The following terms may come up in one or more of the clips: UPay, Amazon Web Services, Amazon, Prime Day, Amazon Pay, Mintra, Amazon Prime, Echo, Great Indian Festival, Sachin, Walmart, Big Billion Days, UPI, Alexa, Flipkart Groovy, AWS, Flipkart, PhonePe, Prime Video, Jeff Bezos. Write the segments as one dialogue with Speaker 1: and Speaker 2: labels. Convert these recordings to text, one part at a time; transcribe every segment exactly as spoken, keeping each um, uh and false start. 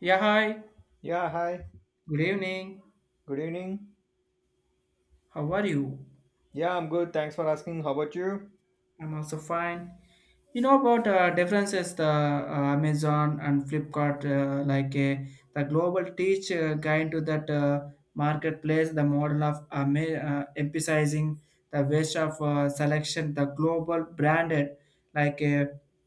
Speaker 1: Yeah, hi.
Speaker 2: Yeah, hi.
Speaker 1: Good evening.
Speaker 2: Good evening.
Speaker 1: How are you?
Speaker 2: Yeah, I'm good. Thanks for asking. How about you?
Speaker 1: I'm also fine. You know about uh, differences the uh, Amazon and Flipkart uh, like uh, the global teach uh, guide to that uh, marketplace the model of um, uh, emphasizing the waste of uh, selection the global branded like uh,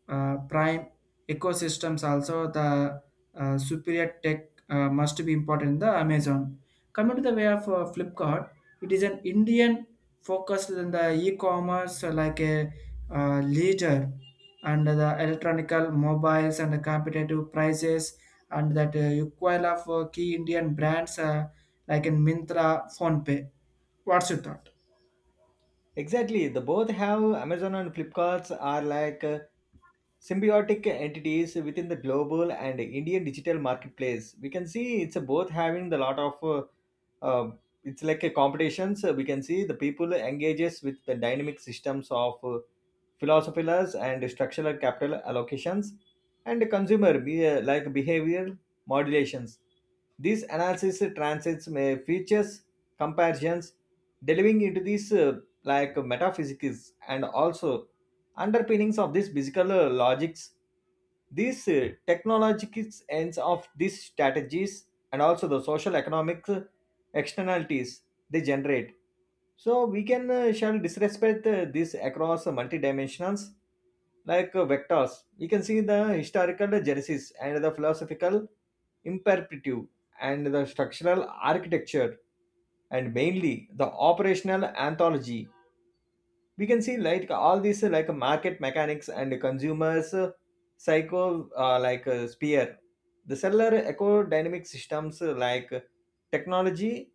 Speaker 1: uh, prime ecosystems also the uh, superior tech uh, must be important in the Amazon. Coming to the way of uh, Flipkart, it is an Indian focused in the e-commerce uh, like a uh, leader and the electronical mobiles and the competitive prices and that uh, equal of uh, key Indian brands uh, like in Mintra, PhonePe. What's your thought?
Speaker 2: Exactly. The both have Amazon and Flipkarts are like uh, symbiotic entities within the global and Indian digital marketplace. We can see it's both having the lot of uh, uh, it's like a competitions. Uh, we can see the people engages with the dynamic systems of uh, philosophies and structural capital allocations and consumer be, uh, like behavioral modulations. This analysis transits may features comparisons delving into these. Uh, like uh, metaphysics and also underpinnings of these physical uh, logics, these uh, technological ends of these strategies, and also the social economic uh, externalities they generate. So we can uh, shall disrespect uh, this across uh, multi-dimensionals like uh, vectors. We can see the historical genesis and the philosophical imperative, and the structural architecture, and mainly the operational anthology. We can see like all these uh, like market mechanics and consumers uh, psycho uh, like uh, sphere, the cellular eco-dynamic systems uh, like uh, technology,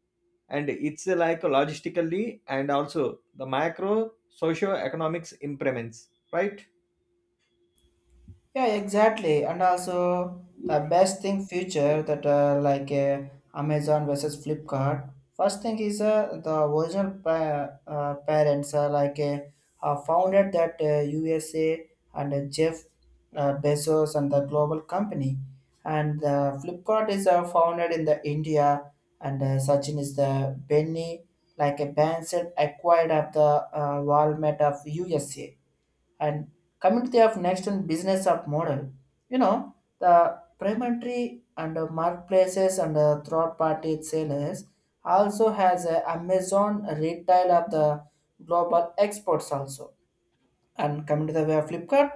Speaker 2: and it's uh, like logistically and also the macro socio-economics implements, right?
Speaker 1: Yeah, exactly. And also the best thing future that uh, like uh, Amazon versus Flipkart. First thing is uh, the original pa- uh, parents uh, like uh, uh, founded that uh, U S A and uh, Jeff uh, Bezos and the global company. And uh, Flipkart is uh, founded in the India and uh, Sachin is the Benny like a Benson acquired of the uh, Walmart of U S A, and community of next and business of model, you know, the primary and uh, marketplaces and uh, third party sellers, also has a amazon retail of the global exports also. And coming to the way of flipkart,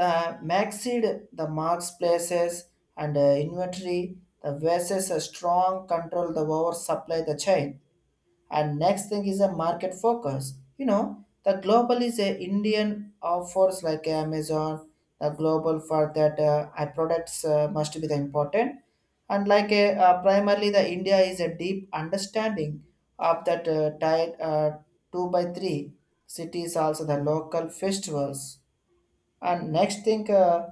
Speaker 1: the maxid, the marks places and uh, inventory, the versus a strong control the over supply the chain. And next thing is a market focus, you know, the global is a indian offers like amazon, the global for that uh, our products uh, must be the important, and like a, uh, primarily the india is a deep understanding of that uh, tied uh, two by three cities also the local festivals. And next thing, uh,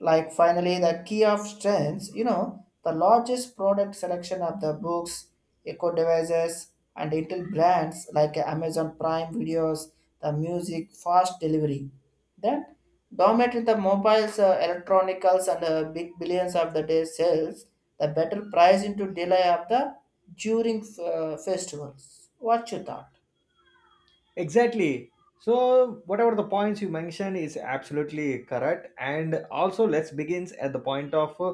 Speaker 1: like finally, the key of strengths, you know, the largest product selection of the books, eco devices, and intel brands like Amazon Prime videos, the music, fast delivery. Then, dominate in the mobiles, uh, electronicals, and uh, big billions of the day sales, the better price into delay of the during uh, festivals. What you thought?
Speaker 2: Exactly. So whatever the points you mentioned is absolutely correct, and also let's begins at the point of uh,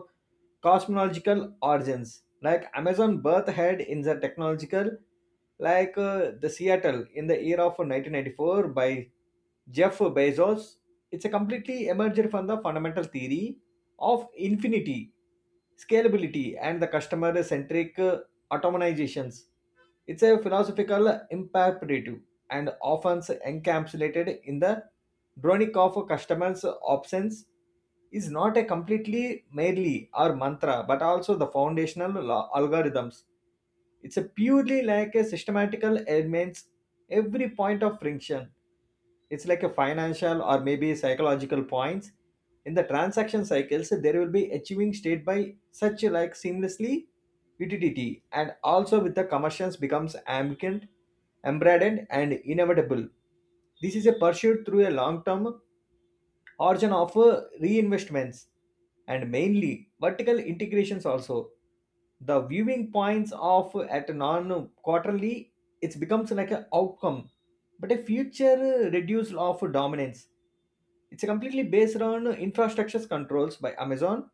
Speaker 2: cosmological origins. Like Amazon birth had in the technological, like uh, the Seattle in the year of nineteen ninety-four by Jeff Bezos. It's a completely emerged from the fundamental theory of infinity, scalability, and the customer-centric uh, automizations. It's a philosophical imperative and often encapsulated in the dronic of customers' options, is not a completely merely or mantra but also the foundational lo- algorithms. It's a purely like a systematical elements. Every point of friction, it's like a financial or maybe psychological points in the transaction cycles, there will be achieving state by such like seamlessly utility, and also with the commercials becomes ambient, embedded, and inevitable. This is a pursuit through a long term origin of uh, reinvestments and mainly vertical integrations also. The viewing points of uh, at non quarterly, it becomes like an outcome, but a future uh, reduced of dominance. It's completely based on infrastructure controls by Amazon,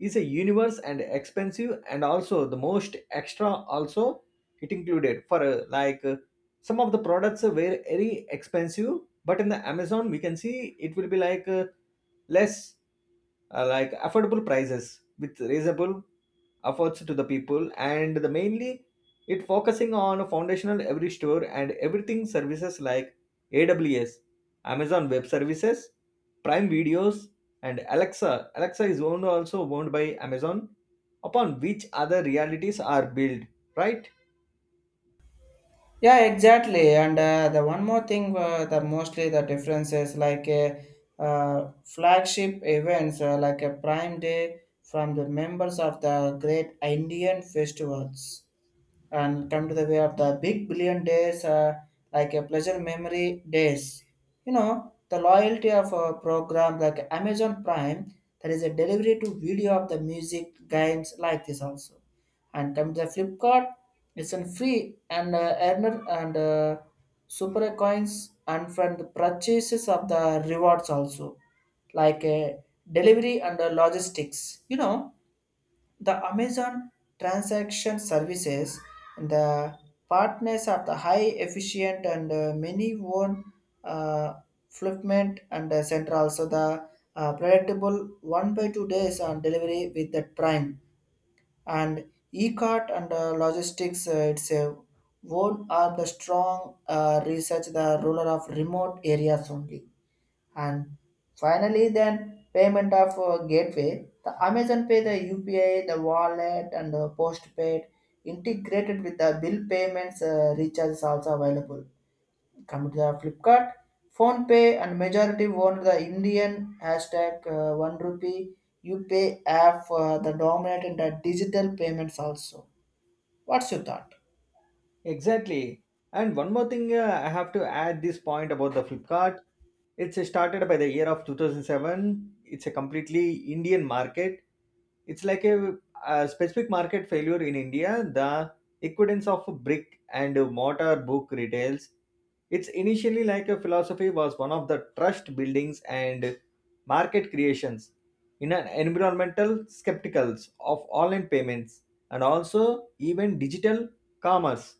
Speaker 2: is a universe and expensive and also the most extra also. It included for uh, like uh, some of the products were very expensive, but in the Amazon we can see it will be like uh, less uh, like affordable prices with reasonable efforts to the people. And the mainly it focusing on foundational every store and everything services like AWS, Amazon Web Services, Prime Videos, and alexa alexa is owned, also owned by Amazon, upon which other realities are built, right?
Speaker 1: Yeah, exactly. And uh, the one more thing, uh, the mostly the differences like a uh, flagship events uh, like a Prime Day from the members of the Great Indian Festivals, and come to the way of the big billion days uh, like a pleasure memory days, you know the loyalty of a program like amazon prime, there is a delivery to video of the music games like this also. And come to the flipkart, it's a free and uh, earner and uh, super coins and from the purchases of the rewards also, like uh, delivery and uh, logistics, you know the Amazon transaction services, the partners are the high efficient and uh, many own uh, fulfillment and uh, central. So the uh, predictable one by two days on delivery with the prime, and e-cart and uh, logistics uh, itself. One are the strong uh, research the ruler of remote areas only. And finally, then payment of uh, gateway, the Amazon Pay, the U P I, the wallet, and the postpaid integrated with the bill payments uh, recharge is also available. Come to the Flipkart, Phone Pay, and majority owned the Indian hashtag uh, one rupee UPay app for the dominant in the digital payments also. What's your thought?
Speaker 2: Exactly. And one more thing, uh, I have to add this point about the Flipkart. It's uh, started by the year of two thousand seven. It's a completely Indian market. It's like a, a specific market failure in India, the equivalence of brick and mortar book retails. It's initially like a philosophy was one of the trust buildings and market creations in an environmental skepticals of online payments and also even digital commerce.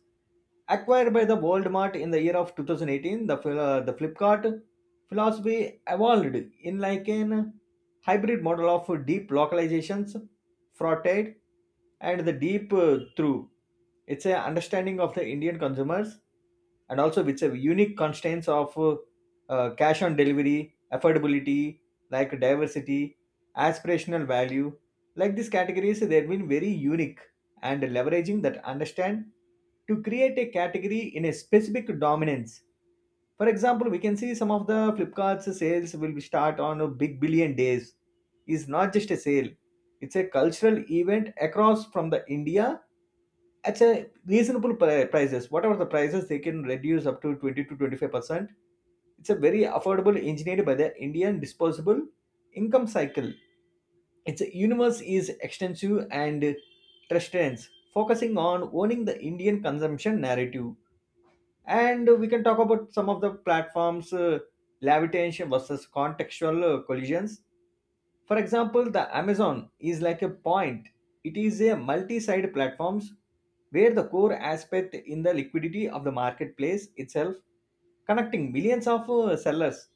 Speaker 2: Acquired by the Walmart in the year of two thousand eighteen, the, Fil- uh, the Flipkart philosophy evolved in like an hybrid model of deep localizations, fraught, and the deep uh, through. It's a understanding of the Indian consumers and also with a unique constraints of uh, uh, cash on delivery, affordability, like diversity, aspirational value. Like these categories, they've been very unique, and leveraging that understand to create a category in a specific dominance. For example, we can see some of the Flipkart's sales will be start on a big billion days. Is not just a sale, it's a cultural event across from the India at a reasonable pri- prices. Whatever the prices, they can reduce up to twenty to twenty-five percent. It's a very affordable engineered by the Indian disposable income cycle. Its universe is extensive and trends focusing on owning the Indian consumption narrative. And we can talk about some of the platforms uh, levitation versus contextual uh, collisions. For example, the Amazon is like a point. It is a multi-side platforms where the core aspect in the liquidity of the marketplace itself, connecting millions of uh, sellers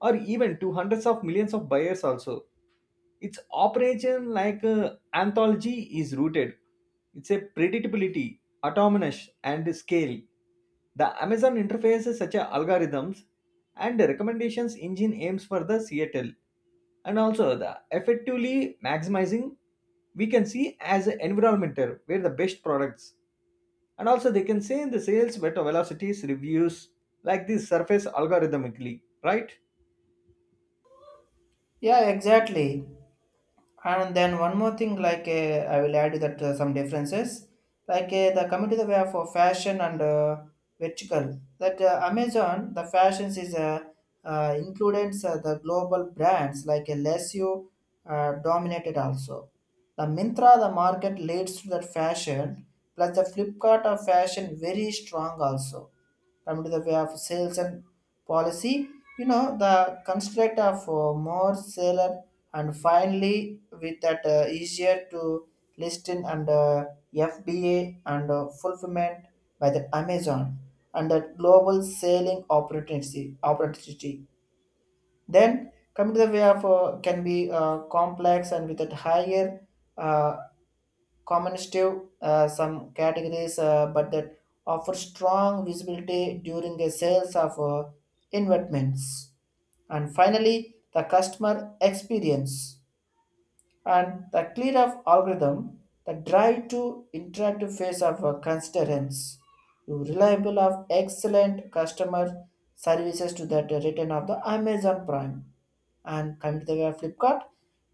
Speaker 2: or even to hundreds of millions of buyers also. Its operation, like uh, anthology, is rooted. It's a predictability, autonomous, and scale. The Amazon interface such as algorithms and the recommendations engine aims for the Seattle and also the effectively maximizing. We can see as an environmental where the best products, and also they can say in the sales better velocities reviews like this surface algorithmically, right?
Speaker 1: Yeah, exactly. And then one more thing, like uh, I will add that uh, some differences, like uh, the coming to the way for fashion and uh, vertical. That uh, Amazon, the fashions is uh, uh, includes uh, the global brands like uh, less you uh, dominated also. The Mintra, the market leads to that fashion, plus the Flipkart of fashion very strong also. Coming to the way of sales and policy, you know the construct of uh, more seller, and finally with that uh, easier to listen and uh, fba and uh, fulfillment by the amazon, and that global selling opportunity opportunity then coming to the way of uh, can be uh, complex and with that higher uh, communicative uh, some categories uh, but that offer strong visibility during the sales of uh, investments. And finally the customer experience and the clear of algorithm, the drive to interactive phase of a constituents, you reliable of excellent customer services to that uh, return of the Amazon Prime. And coming to the way of Flipkart,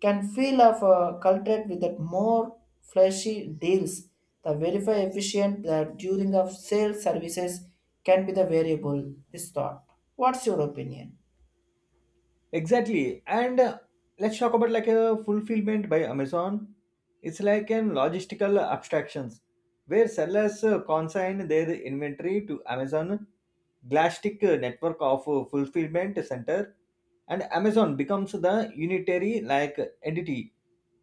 Speaker 1: can feel of a cultured with that more flashy deals. The verify efficient that during of sales services can be the variable. This thought. What's your opinion?
Speaker 2: Exactly. And uh, let's talk about like a fulfillment by Amazon. It's like an logistical abstractions where sellers uh, consign their inventory to Amazon Glastic uh, network of uh, fulfillment center, and Amazon becomes the unitary like entity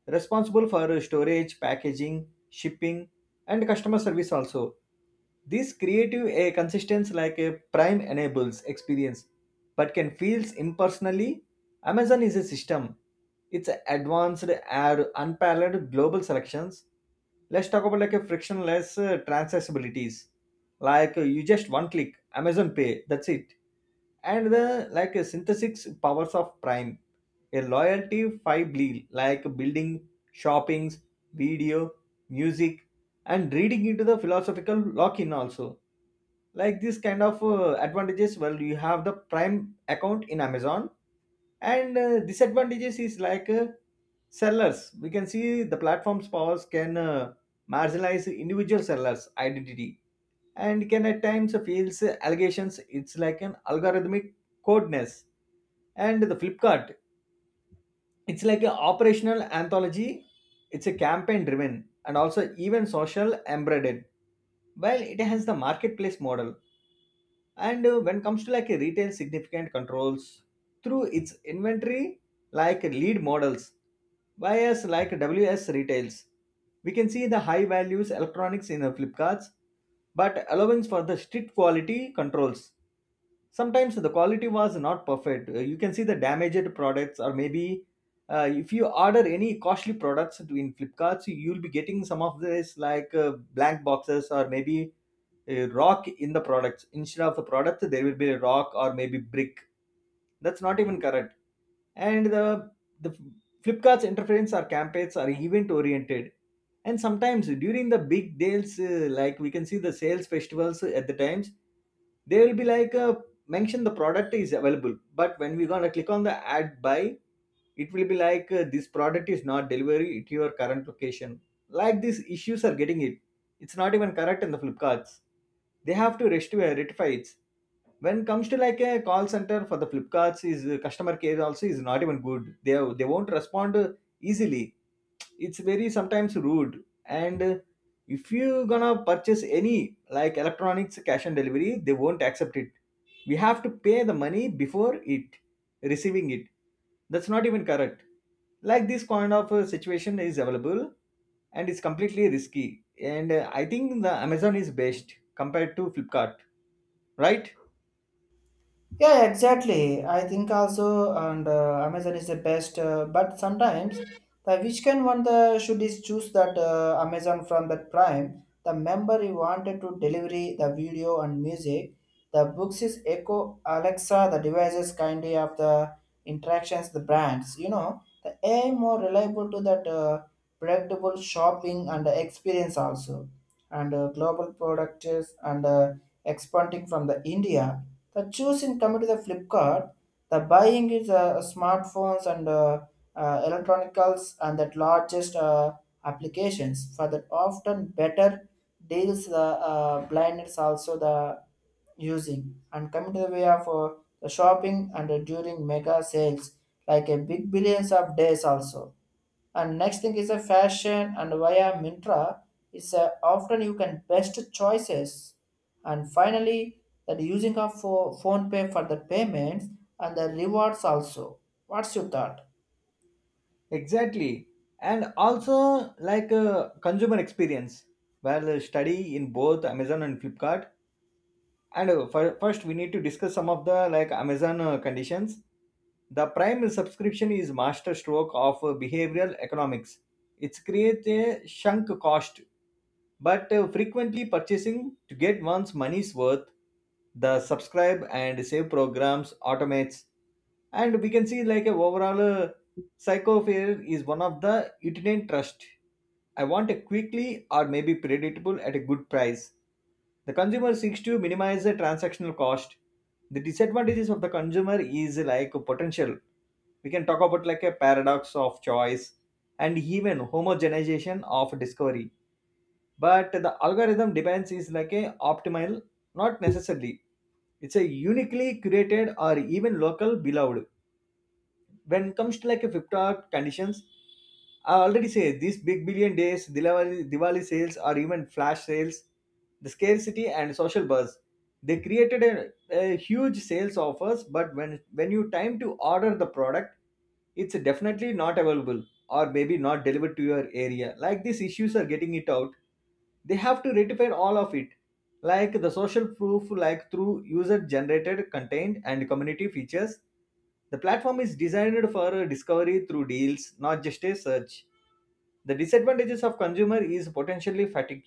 Speaker 2: responsible for uh, storage, packaging, shipping, and customer service also. This creative a consistency like a prime enables experience, but can feels impersonally. Amazon is a system. It's advanced and unparalleled global selections. Let's talk about like a frictionless uh, transactabilities. Like uh, you just one click, Amazon Pay, that's it. And the like a synthesis powers of Prime, a loyalty five bleed like building, shoppings, video, music, and reading into the philosophical lock-in also. Like this kind of uh, advantages, well, you have the prime account in Amazon. And uh, disadvantages is like uh, sellers, we can see the platform's powers can uh, marginalize individual sellers identity and can at times fails allegations. It's like an algorithmic codeness. And the Flipkart, it's like an operational anthology. It's a campaign driven and also even social embedded. While it has the marketplace model, and uh, when it comes to like a retail significant controls through its inventory like lead models, buyers like WS retails, we can see the high values electronics in the Flipkarts, but allowance for the strict quality controls. Sometimes the quality was not perfect. Uh, you can see the damaged products, or maybe uh, if you order any costly products to- in Flipkarts, you'll be getting some of this like uh, blank boxes or maybe a rock in the products. Instead of the product there will be a rock or maybe brick. That's not even correct. And the the Flipkart's interference or campaigns are event oriented, and sometimes during the big deals, uh, like we can see the sales festivals, at the times they will be like uh, mention the product is available, but when we gonna click on the ad buy, it will be like uh, this product is not delivery to your current location. Like these issues are getting it. It's not even correct in the Flipkarts. They have to rest- uh, rectify it. When it comes to like a call center for the Flipkarts, is uh, customer care also is not even good. They they won't respond uh, easily. It's very sometimes rude. And uh, if you gonna purchase any like electronics cash and delivery, they won't accept it. We have to pay the money before it receiving it. That's not even correct. Like this kind of uh, situation is available, and it's completely risky. And uh, I think the Amazon is best compared to Flipkart, right?
Speaker 1: Yeah, yeah, exactly. I think also, and uh, Amazon is the best. Uh, but sometimes the which can one the should is choose that uh, Amazon from that Prime. The member you wanted to delivery the video and music. The books is Echo Alexa. The devices kindly of the interactions the brands. You know the A I more reliable to that uh, predictable shopping and experience also, and uh, global products and uh, expanding from the India. The choosing coming to the Flipkart, the buying is uh, smartphones and uh, uh, electronicals and that largest uh, applications for that often better deals the uh, blindness also the using, and coming to the way of uh, the shopping and uh, during mega sales like a big billions of days also. And next thing is a fashion and via Mintra is a, often you can best choices. And finally, that using of pho- phone pay for the payments and the rewards also. What's your thought?
Speaker 2: Exactly. And also like uh, consumer experience, well uh, study in both Amazon and Flipkart. And uh, fir- first we need to discuss some of the like Amazon uh, conditions. The prime subscription is master stroke of behavioral economics. It creates a sunk cost, but frequently purchasing to get one's money's worth. The subscribe and save programs automates, and we can see like a overall uh, Psychofare is one of the itinerant trust. I want a quickly or maybe predictable at a good price. The consumer seeks to minimize the transactional cost. The disadvantages of the consumer is like a potential. We can talk about like a paradox of choice and even homogenization of discovery. But the algorithm depends is like a optimal, not necessarily. It's a uniquely curated or even local beloved. When it comes to like a fifty conditions, I already say these big billion days, Diwali, Diwali sales, or even flash sales, the scarcity and social buzz. They created a, a huge sales offers, but when when you time to order the product, it's definitely not available, or maybe not delivered to your area. Like these issues are getting it out. They have to rectify all of it. Like the social proof, like through user generated content and community features. The platform is designed for discovery through deals, not just a search. The disadvantages of consumer is potentially fatigue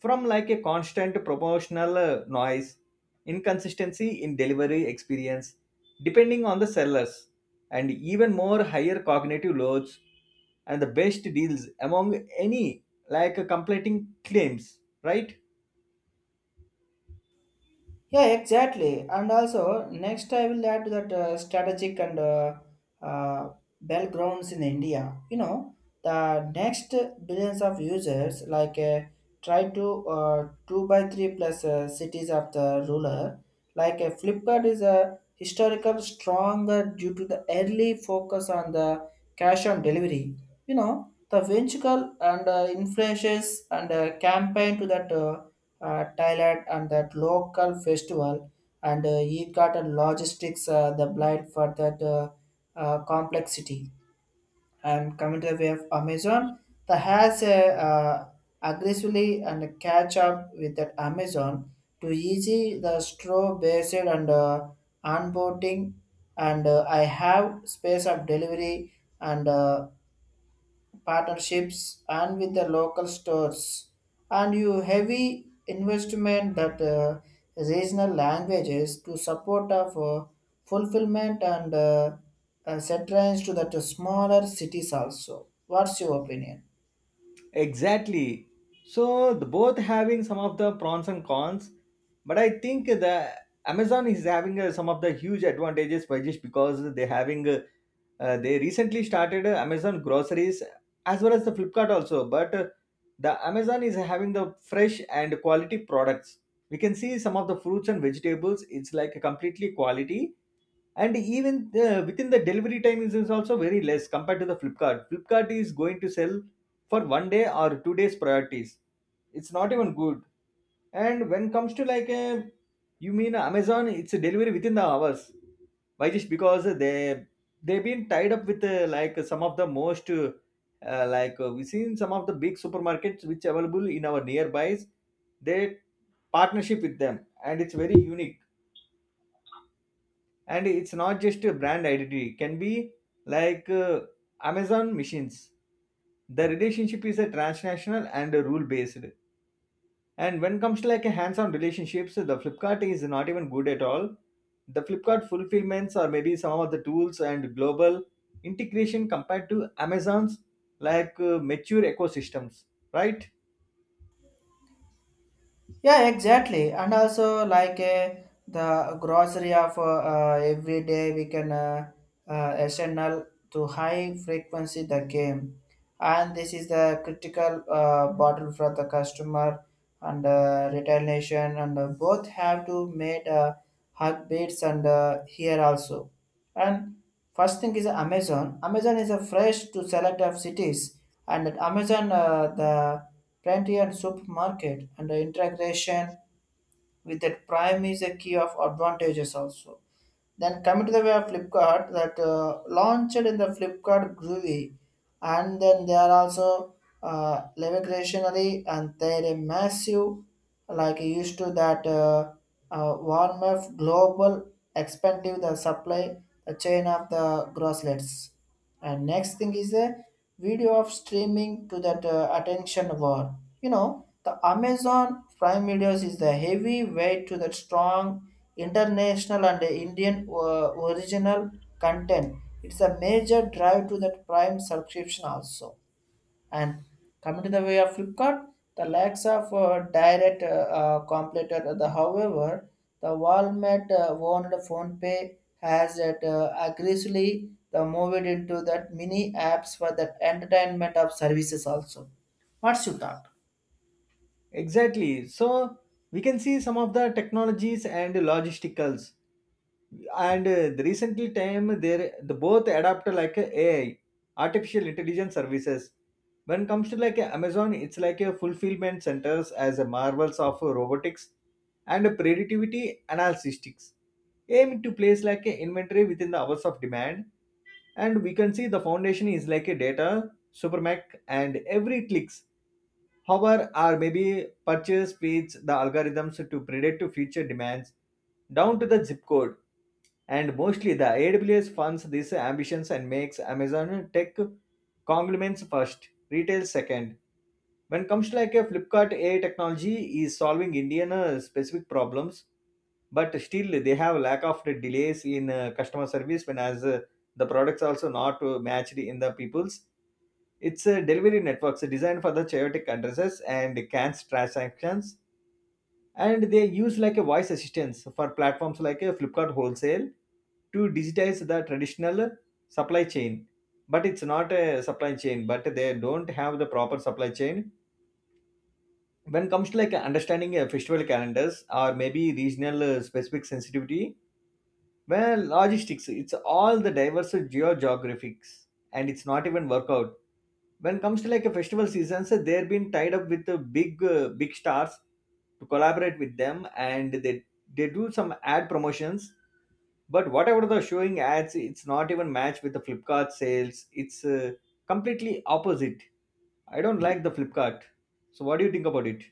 Speaker 2: from like a constant promotional uh, noise, inconsistency in delivery experience, depending on the sellers, and even more higher cognitive loads, and the best deals among any like uh, completing claims, right?
Speaker 1: Yeah, exactly. And also, next I will add that uh, strategic and uh, uh, battlegrounds in India. You know, the next billions of users like uh, try to uh, two by three plus uh, cities of the ruler. Like uh, Flipkart is a historical stronger due to the early focus on the cash on delivery. You know, the venture and uh, influences and uh, campaign to that. Uh, uh, Thailand and that local festival and uh, Eidgat and logistics uh, the blind for that uh, uh, complexity. And coming to the way of Amazon, that has a uh, aggressively and catch up with that Amazon to easy the straw based and uh, onboarding and uh, I have space of delivery and uh, partnerships and with the local stores, and you heavy investment that uh, regional languages to support of uh, fulfillment and uh, uh, set range to that uh, smaller cities also. What's your opinion?
Speaker 2: Exactly. So the both having some of the pros and cons, but I think the Amazon is having uh, some of the huge advantages by just because they having uh, uh, they recently started uh, Amazon groceries as well as the Flipkart also, but uh, the Amazon is having the fresh and quality products. We can see some of the fruits and vegetables. It's like a completely quality and even uh, within the delivery time is, is also very less compared to the flipkart flipkart is going to sell for one day or two days priorities, it's not even good. And when comes to like a, you mean amazon, it's a delivery within the hours. Why? Just because they they've been tied up with uh, like some of the most uh, uh, like uh, we've seen some of the big supermarkets which available in our nearbys, they partnership with them and it's very unique. And it's not just a brand identity, it can be like uh, amazon machines. The relationship is a transnational and a rule based. And when comes to like a hands-on relationships, the flipkart is not even good at all. The flipkart fulfillments or maybe some of the tools and global integration compared to amazon's like uh, mature ecosystems, right?
Speaker 1: Yeah, exactly. And also, like uh, the grocery of uh, uh, every day, we can uh, uh, S N L to high frequency the game, and this is the critical uh, bottle for the customer and uh, retail nation, and uh, both have to made uh, heartbeats and uh, here also. And first thing is Amazon. Amazon is a fresh to select of cities, and at Amazon, uh, the plenty and supermarket and the integration with that Prime is a key of advantages also. Then coming to the way of Flipkart that uh, launched in the Flipkart Groovy, and then they are also uh, revolutionary and they're a massive like used to that uh, uh, warm up global expensive the supply the chain of the grosslets. And next thing is a video of streaming to that uh, attention war, you know the amazon prime videos is the heavy weight to the strong international and indian uh, original content, it's a major drive to that prime subscription also. And coming to the way of Flipkart, the lacks of uh, direct uh, uh, completed. The however, the Walmart uh, owned phone pay has it uh, aggressively the moved into that mini apps for that entertainment of services also. What's your thought?
Speaker 2: Exactly. So we can see some of the technologies and logisticals and uh, the recently time there the both adapt like a ai, artificial intelligence services. When comes to like a amazon, it's like a fulfillment centers as a marvels of robotics and a predictivity analytics aim to place like a inventory within the hours of demand. And we can see the foundation is like a data supermac, and every clicks hover or maybe purchase feeds the algorithms to predict future demands down to the zip code. And mostly the A W S funds these ambitions and makes Amazon tech conglomerate first, retail second. When comes to like a Flipkart, A I technology is solving Indian uh, specific problems, but still they have lack of the delays in uh, customer service when as uh, the products also not uh, matched in the people's. It's a delivery networks designed for the chaotic addresses and cans transactions, and they use like a voice assistance for platforms like a flipkart wholesale to digitize the traditional supply chain. But it's not a supply chain, but they don't have the proper supply chain when it comes to like understanding uh, festival calendars or maybe regional uh, specific sensitivity. Well, logistics it's all the diverse geo geographics and it's not even workout. When it comes to like a festival seasons, uh, they're been tied up with the big uh, big stars to collaborate with them, and they they do some ad promotions. But whatever the showing ads it's not even matched with the flipkart sales, it's uh, completely opposite. I don't like the flipkart. So what do you think about it?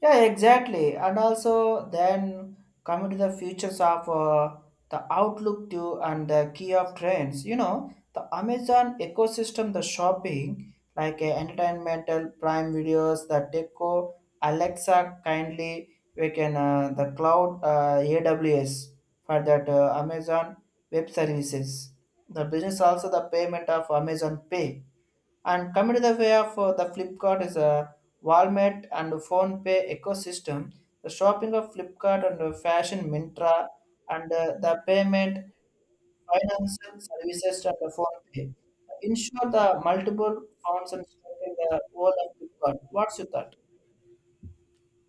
Speaker 1: Yeah, exactly. And also, then coming to the features of uh, the Outlook too and the key of trends, you know, the Amazon ecosystem, the shopping, like uh, entertainmental prime videos, the deco, Alexa, kindly, we can, uh, the cloud, uh, A W S for that uh, Amazon web services. The business also the payment of Amazon Pay, and coming to the way of uh, the Flipkart is a Walmart and PhonePe ecosystem. The shopping of Flipkart and uh, Fashion Mintra and uh, the payment financial services and the PhonePe. Ensure the multiple funds and stock in the world of Flipkart. What's your thought?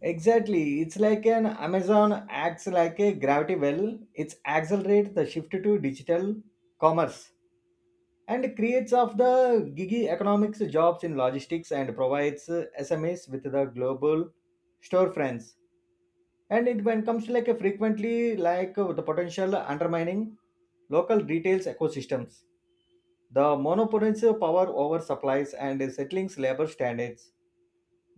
Speaker 2: Exactly. It's like an amazon acts like a gravity well. It's accelerate the shift to digital commerce and creates of the gigi economics jobs in logistics and provides uh, S M Es with the global storefronts. And it when comes to like a frequently like uh, the potential undermining local retails ecosystems, the monopolies of power over supplies and settling labor standards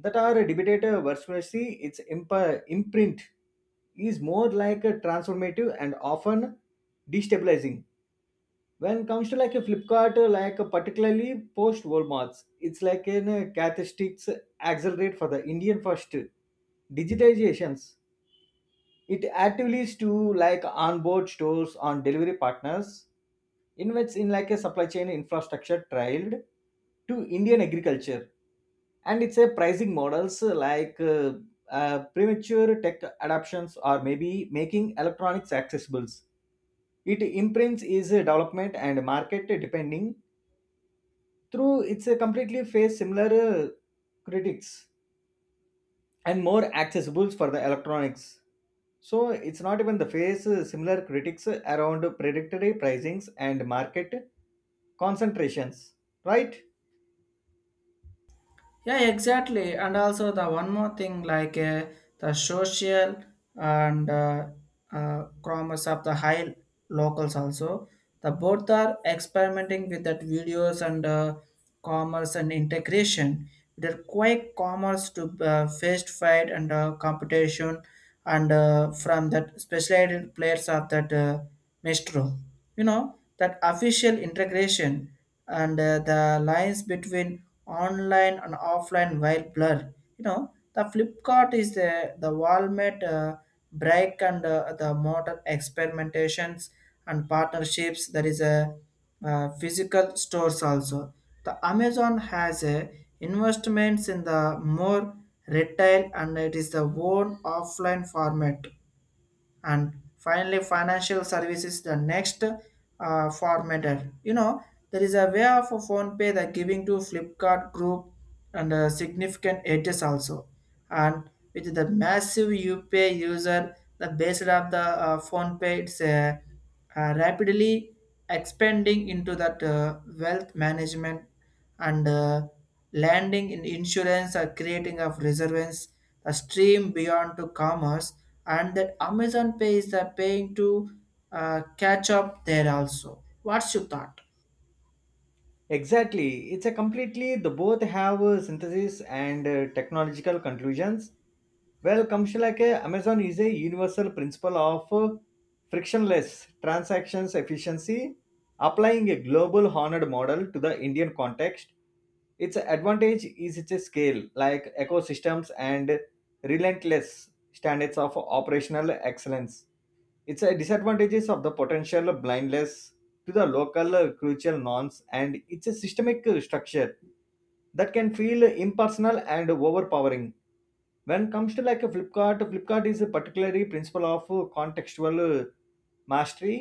Speaker 2: that are debated uh, versus its imp- imprint is more like a transformative and often destabilizing. When it comes to like a flipkart, uh, like uh, particularly post walmart's, it's like an uh, characteristics accelerate for the indian first digitizations. It actively is to like onboard stores on delivery partners, invests in like a supply chain infrastructure trialed to indian agriculture. And it's a pricing models uh, like uh, uh, premature tech adoptions or maybe making electronics accessible. It imprints is a development and market depending. Through it's a completely face similar uh, critics and more accessible for the electronics. So it's not even the face uh, similar critics around predatory pricings and market concentrations, right?
Speaker 1: Yeah, exactly. And also the one more thing, like uh, the social and uh, uh, commerce of the high locals also. The both are experimenting with that videos and uh, commerce and integration. They're quite commerce to uh, fist fight and uh, competition and uh, from that specialized players of that uh, Mestro. You know, that official integration and uh, the lines between online and offline while blur. You know, the Flipkart is the, the Walmart uh, break and uh, the modern experimentations and partnerships. There is a uh, physical stores also. The Amazon has a investments in the more retail and it is the own offline format. And finally financial services the next uh, formatter, you know, there is a way of a phone pay that giving to flipkart group and uh, significant edges also, and with the massive U P I user, the base of the uh, phone pay it's uh, uh, rapidly expanding into that uh, wealth management and uh, landing in insurance or creating of reserves, a stream beyond to commerce, and that Amazon Pay is the paying to uh, catch up there also. What's your thought?
Speaker 2: Exactly. It's a completely the both have uh, synthesis and uh, technological conclusions. Well, commercial, like uh, Amazon is a universal principle of uh, frictionless transactions efficiency, applying a global honored model to the Indian context. Its advantage is its scale, like ecosystems and relentless standards of operational excellence. Its uh, disadvantages of the potential blindness to the local uh, crucial norms and its systemic uh, structure that can feel impersonal and overpowering. When it comes to like a flipkart flipkart is a particularly principle of uh, contextual uh, mastery,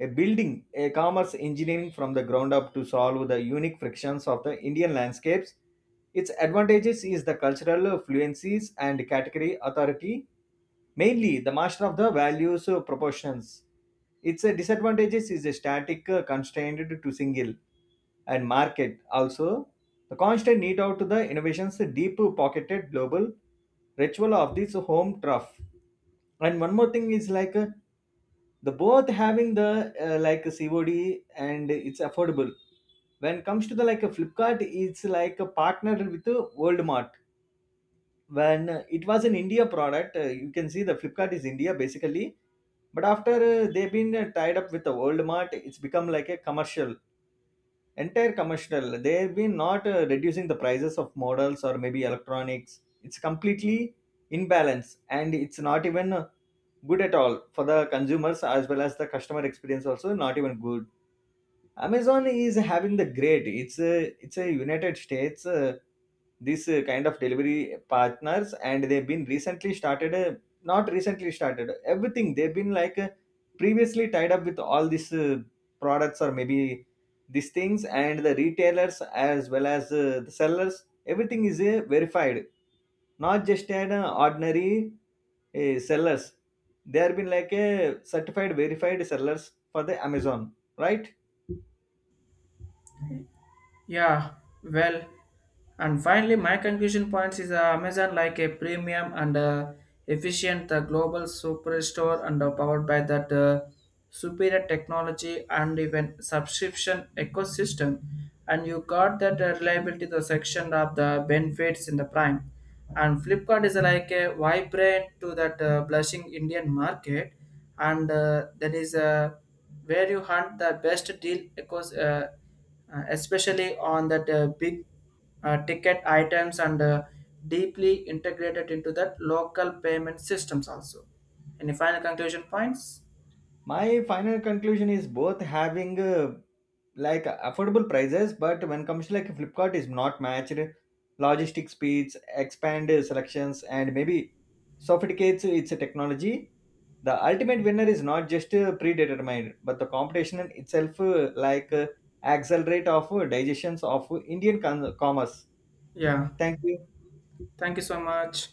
Speaker 2: a building a commerce engineering from the ground up to solve the unique frictions of the indian landscapes. Its advantages is the cultural fluencies and category authority, mainly the master of the values uh, proportions. Its uh, disadvantages is a static uh, constrained to single and market also, the constant need out to the innovations, the deep pocketed global ritual of this home turf. And one more thing is like uh, the both having the uh, like cod and it's affordable. When it comes to the like a flipkart, it's like a partner with uh, world. When uh, it was an india product, uh, you can see the flipkart is india basically. But after uh, they've been uh, tied up with the world, it's become like a commercial, entire commercial. They've been not uh, reducing the prices of models or maybe electronics. It's completely imbalance and it's not even uh, good at all for the consumers, as well as the customer experience also not even good. Amazon is having the great. It's a it's a United States. Uh, this uh, kind of delivery partners, and they've been recently started. Uh, not recently started. Everything they've been like uh, previously tied up with all these uh, products or maybe these things, and the retailers as well as uh, the sellers. Everything is uh, verified, not just an uh, ordinary uh, sellers. They have been like a certified, verified sellers for the Amazon, right?
Speaker 1: Yeah, well, and finally, my conclusion points is uh, Amazon like a premium and uh, efficient the global superstore and uh, powered by that uh, superior technology and even subscription ecosystem. And you got that uh, reliability the section of the benefits in the prime. And Flipkart is uh, like a vibrant to that uh, blushing Indian market, and uh, that is uh, where you hunt the best deal ecos- uh, uh, especially on that uh, big uh, ticket items and uh, deeply integrated into that local payment systems also. Any final conclusion points?
Speaker 2: My final conclusion is both having uh, like affordable prices, but when comes to like flipkart is not matched logistic speeds, expand selections and maybe sophisticates its technology. The ultimate winner is not just uh, predetermined, but the competition in itself uh, like uh, accelerate of uh, digestions of indian con- commerce.
Speaker 1: Yeah.
Speaker 2: Thank you.
Speaker 1: Thank you so much.